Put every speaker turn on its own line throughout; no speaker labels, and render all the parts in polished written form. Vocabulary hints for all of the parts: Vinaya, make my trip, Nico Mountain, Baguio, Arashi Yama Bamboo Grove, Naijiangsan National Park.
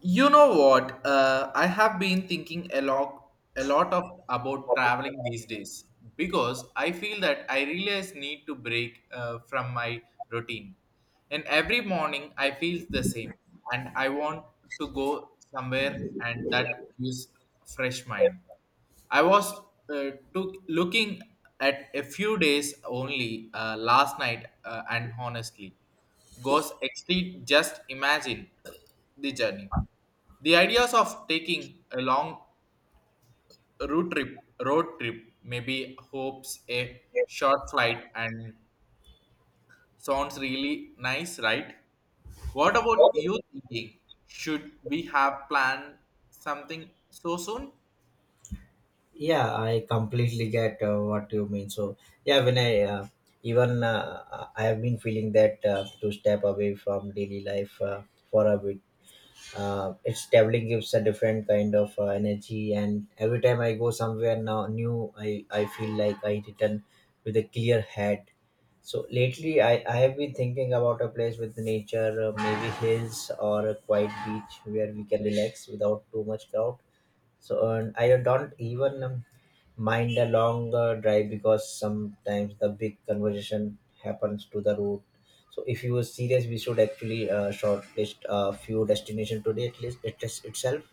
You know what? I have been thinking a lot of about traveling these days because I feel that I really need to break from my routine. And every morning I feel the same, and I want to go somewhere and that gives fresh mind. I was took looking at a few days only last night, and honestly, goes extreme. Just imagine the journey. The ideas of taking a long road trip, maybe hopes a short flight and sounds really nice, right? What about you thinking? Should we have planned something so soon?
Yeah, I completely get what you mean. So yeah when I even I have been feeling that to step away from daily life for a bit. It's Traveling gives a different kind of energy, and every time I go somewhere now new, I feel like I return with a clear head. So lately I have been thinking about a place with nature, maybe hills or a quiet beach where we can relax without too much crowd. And I don't even mind a long drive, because sometimes the big conversation happens to the route. So if you were serious, we should actually shortlist a few destination today, at least it is itself.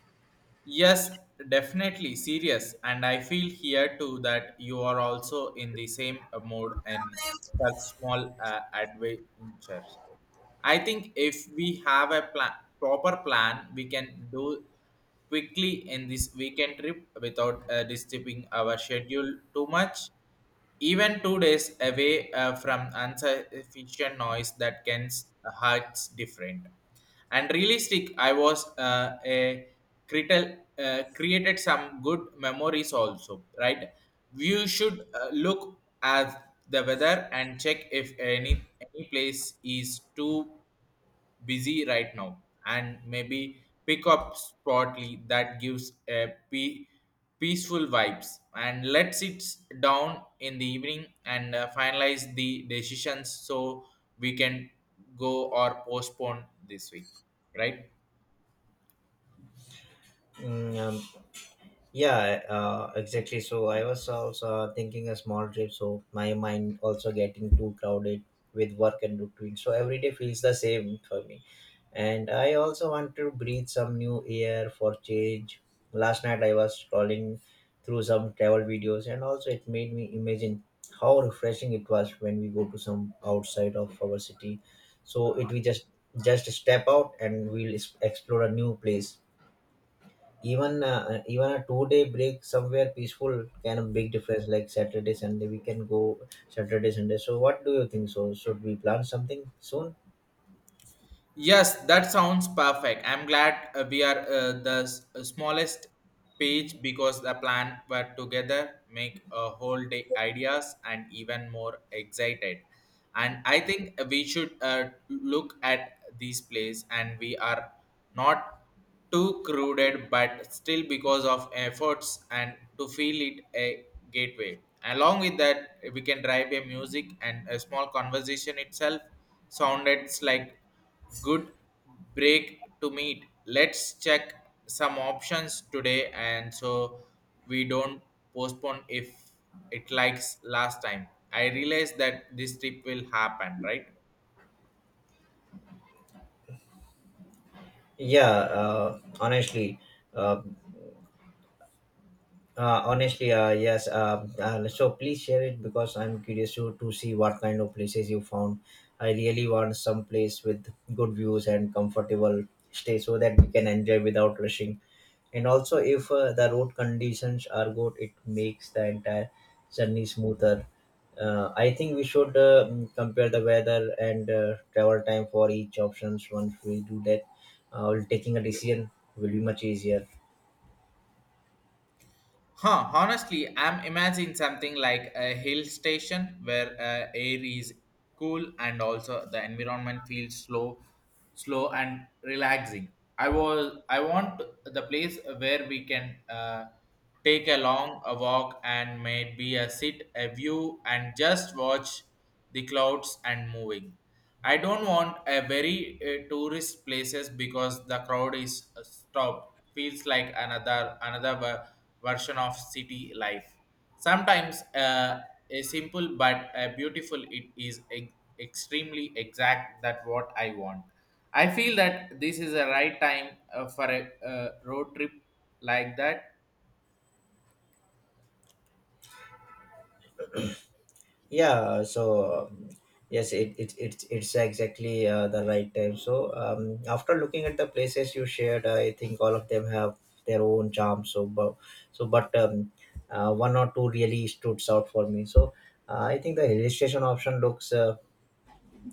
Yes, definitely serious, and I feel here too that you are also in the same mode in such small adventures. I think if we have a plan, proper plan, we can do quickly in this weekend trip without disturbing our schedule too much. Even 2 days away from insufficient noise that can hurts different and realistic I was a critical created some good memories also, right? You should look at the weather and check if any place is too busy right now, and maybe pick up spotly that gives a peaceful vibes, and let sit down in the evening and finalize the decisions so we can go or postpone this week, right?
Mm, um, Yeah, exactly. So I was also thinking a small trip, so my mind also getting too crowded with work and routine. So every day feels the same for me. And I also want to breathe some new air for change. Last night I was scrolling through some travel videos, and also it made me imagine how refreshing it was when we go to some outside of our city. So it we just step out and we'll explore a new place. Even a 2 day break somewhere peaceful can a big difference. Like Saturday, Sunday, we can go Saturday, Sunday. So what do you think? So should we plan something soon?
Yes, that sounds perfect. I'm glad we are smallest page because the plan were together make a whole day ideas and even more excited. And I think we should look at this place and we are not too crowded but still because of efforts and to feel it a gateway. Along with that, we can drive a music and a small conversation itself sounded like good break to meet. Let's check some options today and so we don't postpone if it likes last time. I realize that this trip will happen, right?
Yeah, uh, honestly, yes. So please share it, because I'm curious to see what kind of places you found. I really want some place with good views and comfortable stay so that we can enjoy without rushing. And also if the road conditions are good, it makes the entire journey smoother. I think we should compare the weather and travel time for each options. Once we do that, taking a decision will be much easier.
Huh, honestly, I'm imagining something like a hill station where air is cool and also the environment feels slow, slow and relaxing. I want the place where we can take a long a walk and maybe a sit a view and just watch the clouds and moving. I don't want a very tourist places because the crowd is stopped. Feels like another version of city life. Sometimes a simple but a beautiful it is extremely exact that what I want. I feel that this is the right time for a road trip like that.
yeah so um, yes, it it's exactly the right time. After looking at the places you shared, I think all of them have their own charm. But one or two really stood out for me. I think the illustration option looks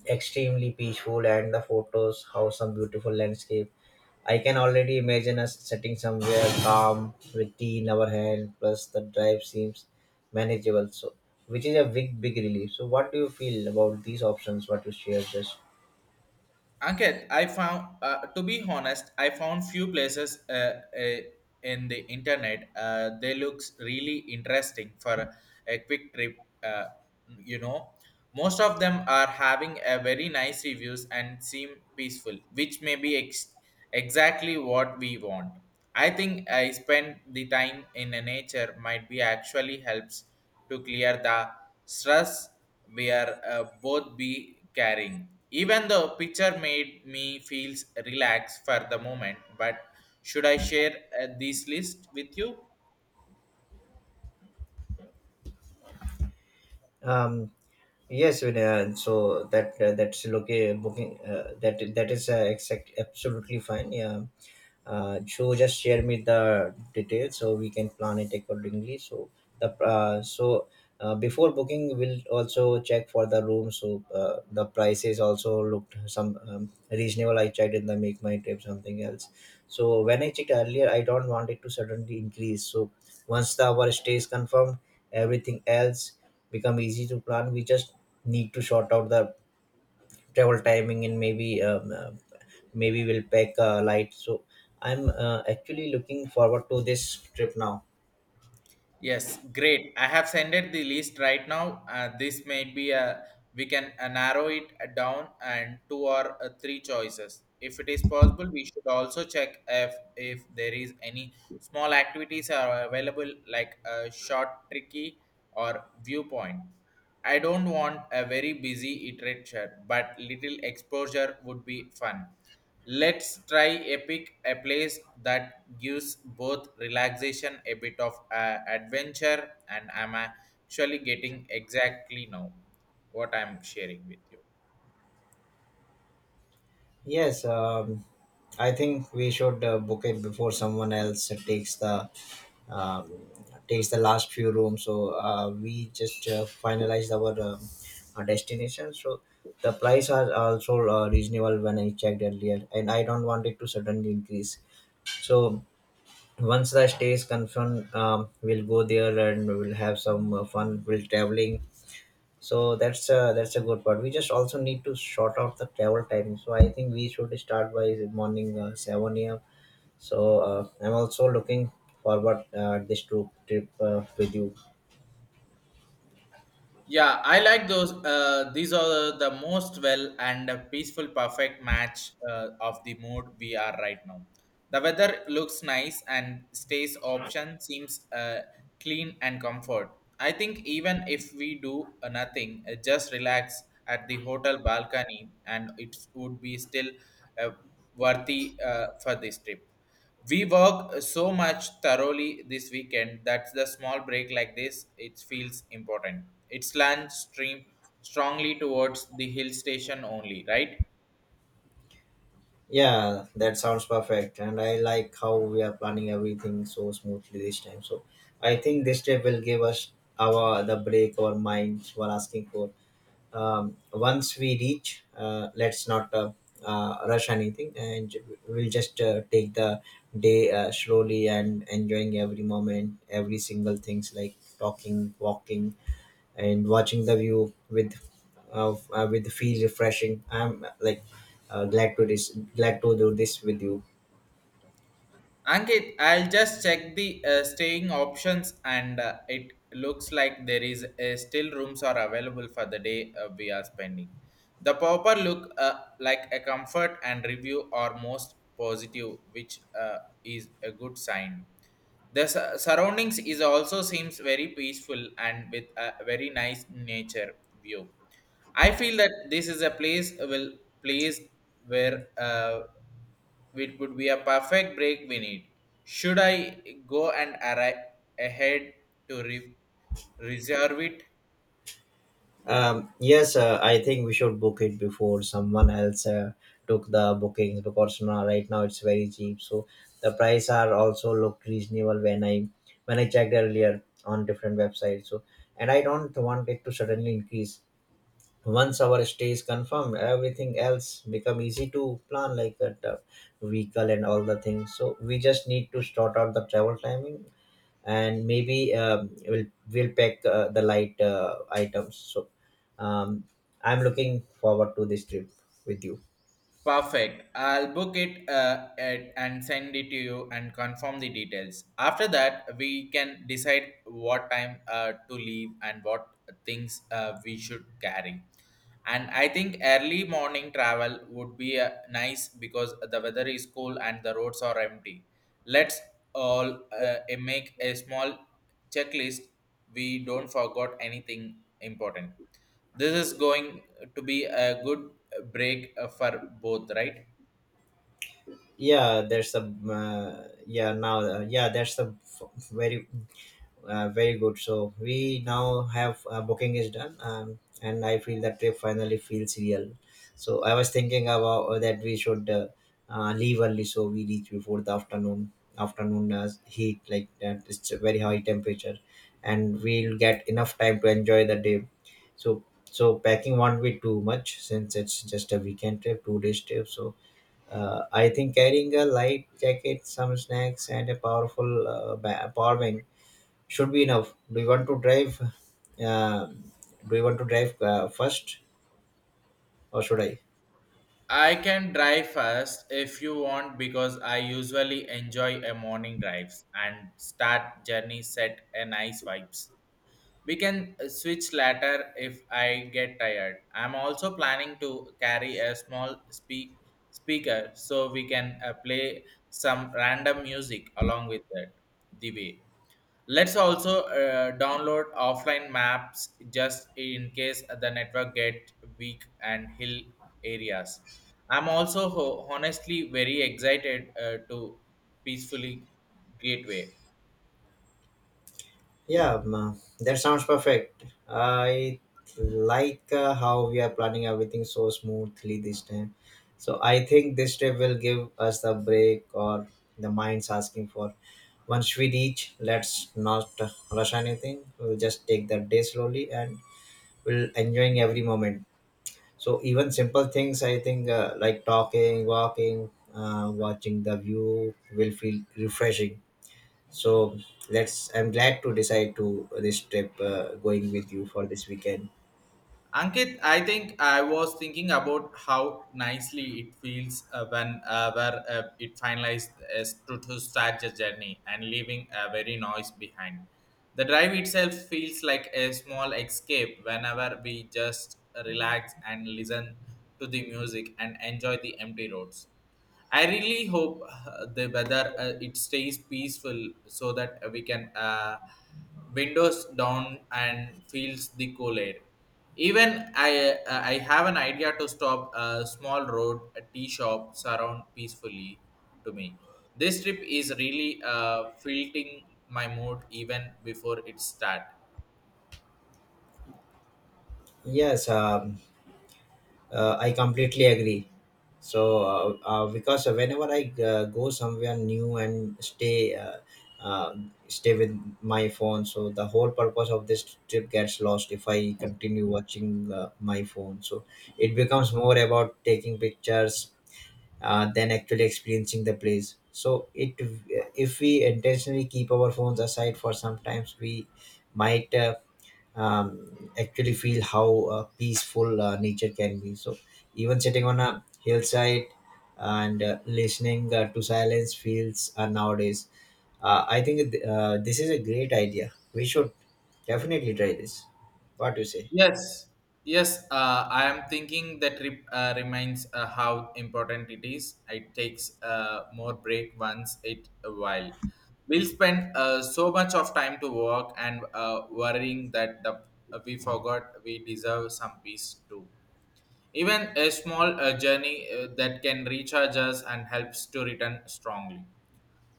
extremely peaceful, and the photos how some beautiful landscape. I can already imagine us sitting somewhere calm with tea in our hand, plus the drive seems manageable, so which is a big relief. So what do you feel about these options, what you share just?
Ankit, I found, to be honest, I found few places uh, in the internet. They looks really interesting for a quick trip. You know, most of them are having a very nice reviews and seem peaceful, which may be exactly what we want. I think I spend the time in the nature might be actually helps to clear the stress we are both be carrying. Even though picture made me feels relaxed for the moment, but should I share this list with you?
um yes, Vinaya, so that that's okay booking, that is exact absolutely fine, yeah. So just share me the details so we can plan it accordingly. So the so Before booking we'll also check for the room. The prices also looked some reasonable. I checked in the make my trip something else. So when I checked earlier, I don't want it to suddenly increase. So once the our stay is confirmed, everything else become easy to plan. We just need to sort out the travel timing, and maybe we'll pack light. So I'm actually looking forward to this trip now.
Yes, great. I have sent it the list right now. This may be a we can narrow it down and two or three choices. If it is possible, we should also check if there is any small activities are available like a short tricky or viewpoint. I don't want a very busy literature, but little exposure would be fun. Let's try Epic, a place that gives both relaxation, a bit of adventure, and I'm actually getting exactly now what I'm sharing with you.
yes um, I think we should book it before someone else takes um, the last few rooms. We just finalized our destination. So the price are also reasonable when I checked earlier, and I don't want it to suddenly increase. So once the stay is confirmed, we'll go there and we'll have some fun, we'll traveling. So that's a good part. We just also need to sort out the travel timing, so I think we should start by morning 7 a.m. So I'm also looking forward this trip with you.
Yeah, I like those. These are the most well and peaceful, perfect match of the mood we are right now. The weather looks nice and stays option seems clean and comfort. I think even if we do nothing, just relax at the hotel balcony and it would be still uh, worthy for this trip. We work so much thoroughly this weekend that the small break like this it feels important. It's land stream strongly towards the hill station only, right?
Yeah, that sounds perfect, and I like how we are planning everything so smoothly this time. So I think this trip will give us our the break our minds were asking for. Once we reach, let's not rush anything, and we'll just take the day slowly and enjoying every moment, every single things, like talking, walking and watching the view with feel refreshing. I'm glad to this, glad to do this with you.
Ankit, I'll just check the staying options and it looks like there is still rooms are available for the day we are spending. The proper look like a comfort and review are most positive, which is a good sign. The surroundings is also seems very peaceful and with a very nice nature view. I feel that this is a place where it would be a perfect break we need. Should I go and arrive ahead to reserve it?
Yes, I think we should book it before someone else took the bookings, because now, right now it's very cheap. So the price are also looked reasonable when I checked earlier on different websites. So and I don't want it to suddenly increase. Once our stay is confirmed, everything else become easy to plan, like a vehicle and all the things. So we just need to sort out the travel timing, and maybe we'll pack the light items. So um, I'm looking forward to this trip with you.
Perfect. I'll book it, and send it to you and confirm the details. After that, we can decide what time to leave and what things we should carry. And I think early morning travel would be nice because the weather is cool and the roads are empty. Let's all make a small checklist. We don't forget anything important. This is going to be a good break for both, right?
Yeah, there's some. Yeah, now yeah, there's some f- very very good. So we now have booking is done, and I feel that trip finally feels real. So I was thinking about that we should leave early so we reach before the afternoon heat like that. It's a very high temperature, and we'll get enough time to enjoy the day. So packing won't be too much since it's just a weekend trip, 2 days trip. So I think carrying a light jacket, some snacks, and a powerful power bank should be enough. Do you want to drive? Um, do you want to drive first, or should I?
I can drive first if you want because I usually enjoy a morning drives and start journey set a nice vibes. We can switch later if I get tired. I'm also planning to carry a small speaker so we can play some random music along with that the way. Let's also download offline maps just in case the network get weak and hill areas. I'm also honestly very excited to peacefully gateway.
Yeah, that sounds perfect. I like how we are planning everything so smoothly this time. So I think this trip will give us the break or the minds asking for. Once we reach, let's not rush anything. We'll just take the day slowly, and we'll enjoying every moment. So even simple things, I think, like talking, walking, watching the view will feel refreshing. So let's. I'm glad to decide to this trip, going with you for this weekend.
Ankit, I think I was thinking about how nicely it feels when where it finalized as to start the journey and leaving a very noise behind. The drive itself feels like a small escape whenever we just relax and listen to the music and enjoy the empty roads. I really hope the weather it stays peaceful so that we can windows down and feels the cool air. Even I have an idea to stop a small road a tea shop surround peacefully to me. This trip is really filtering my mood even before it start.
Yes. I completely agree. So, because whenever I go somewhere new and uh, stay with my phone, so the whole purpose of this trip gets lost if I continue watching my phone. So, it becomes more about taking pictures than actually experiencing the place. So it if we intentionally keep our phones aside for some times, we might actually feel how peaceful nature can be. So even sitting on a hillside and listening to silence feels nowadays. I think this is a great idea, we should definitely try this. What do you say?
Yes, yes. I am thinking that reminds how important it is. It takes more break once it a while. We'll spend so much of time to work and worrying that the we forgot we deserve some peace too. Even a small journey that can recharge us and helps to return strongly.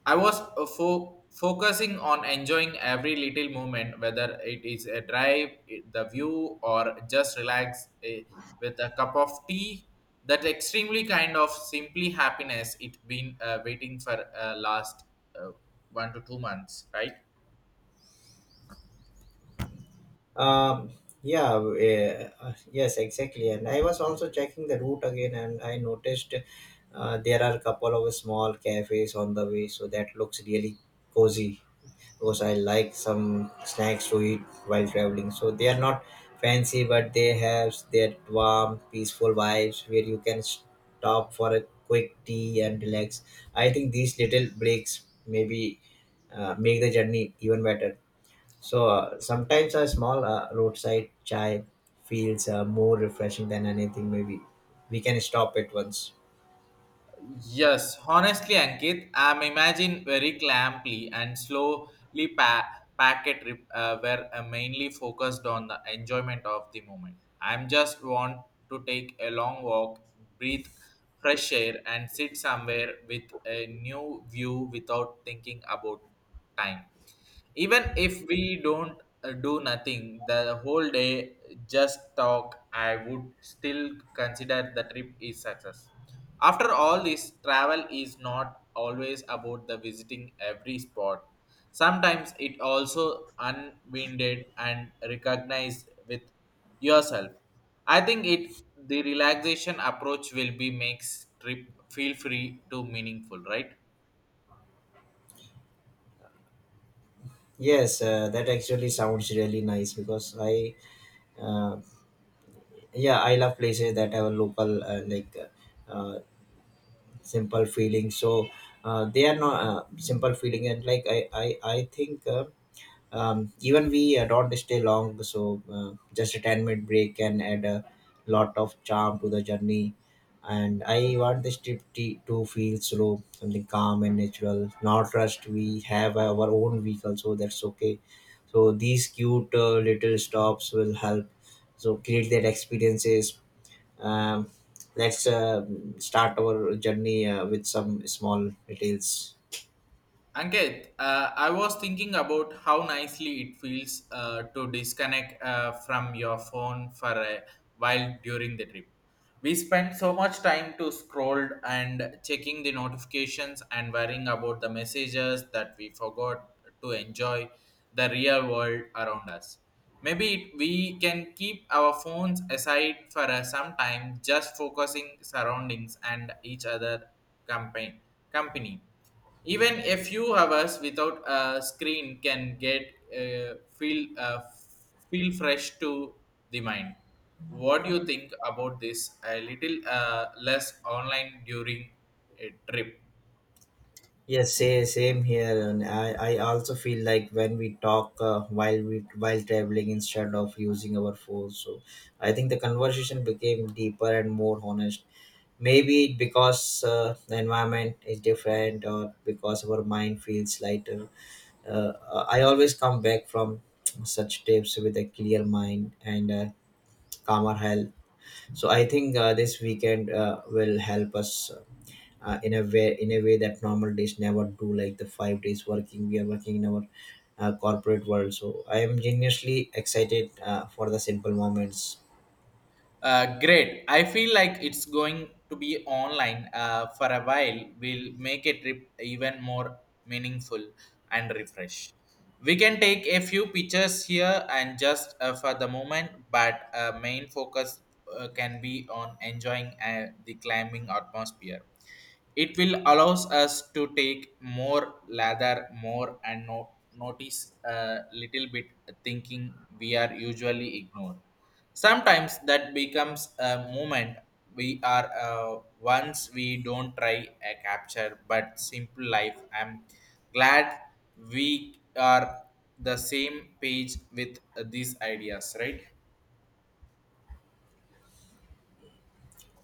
I was focusing on enjoying every little moment, whether it is a drive, the view, or just relax with a cup of tea. That extremely kind of simply happiness it been waiting for last uh, 1 to 2 months, right?
Um, yeah, yes, exactly. And I was also checking the route again, and I noticed there are a couple of small cafes on the way, so that looks really cozy, because I like some snacks to eat while traveling. So they are not fancy, but they have their warm, peaceful vibes where you can stop for a quick tea and relax. I think these little breaks maybe make the journey even better. So sometimes a small roadside chai feels more refreshing than anything. Maybe we can stop at once.
Yes, honestly, Ankit, I'm imagine very clamply and slowly packet rip, were mainly focused on the enjoyment of the moment. I'm just want to take a long walk, breathe fresh air, and sit somewhere with a new view without thinking about time, even if we don't do nothing the whole day just talk. I would still consider the trip is success. After all, this travel is not always about the visiting every spot. Sometimes it also unwinded and recognized with yourself. I think it The relaxation approach will be makes trip feel free to meaningful, right?
Yes, that actually sounds really nice, because uh, yeah, I love places that have local simple feeling. So they are not simple feeling, and like I think. Even we don't stay long, so just a 10-minute break can add a lot of charm to the journey. And I want this trip to feel slow, something calm and natural, not rushed. We have our own vehicle, so that's okay. So these cute little stops will help so create that experiences. um, let's start our journey with some small details.
Ankit, I was thinking about how nicely it feels to disconnect from your phone for a while during the trip. We spent so much time to scroll and checking the notifications and worrying about the messages that we forgot to enjoy the real world around us. Maybe it, we can keep our phones aside for some time, just focusing surroundings and each other company. company. Even a few hours without a screen can get uh, feel uh, feel fresh to the mind. What do you think about this, a little less online during a trip?
Yes, say, same here, and I also feel like when we talk while traveling instead of using our phones, so I think the conversation became deeper and more honest. Maybe because the environment is different, or because our mind feels lighter. I always come back from such trips with a clear mind and calmer health. So I think this weekend will help us in a way that normal days never do, like the 5 days working we are working in our corporate world. So I am genuinely excited for the simple moments.
Great. I feel like it's going to be online for a while. We'll make a trip even more meaningful and refresh. We can take a few pictures here and just for the moment, but main focus can be on enjoying the climbing atmosphere. It will allows us to take more lather more and no, notice a little bit thinking we are usually ignored. Sometimes that becomes a moment we are once we don't try a capture but simple life. I'm glad we are the same page with these ideas, right?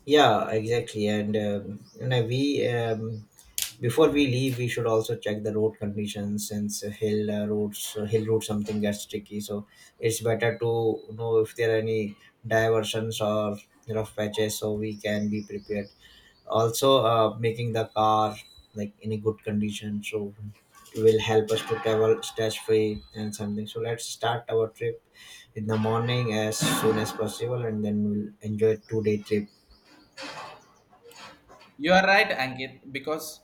Yeah, exactly. And you know we before we leave we should also check the road conditions, since hill road something gets tricky. So it's better to know if there are any diversions or rough patches, so we can be prepared. Also making the car like in a good condition, so will help us to travel stress free and something. So let's start our trip in the morning as soon as possible, and then we'll enjoy 2 day trip.
You are right, Ankit, because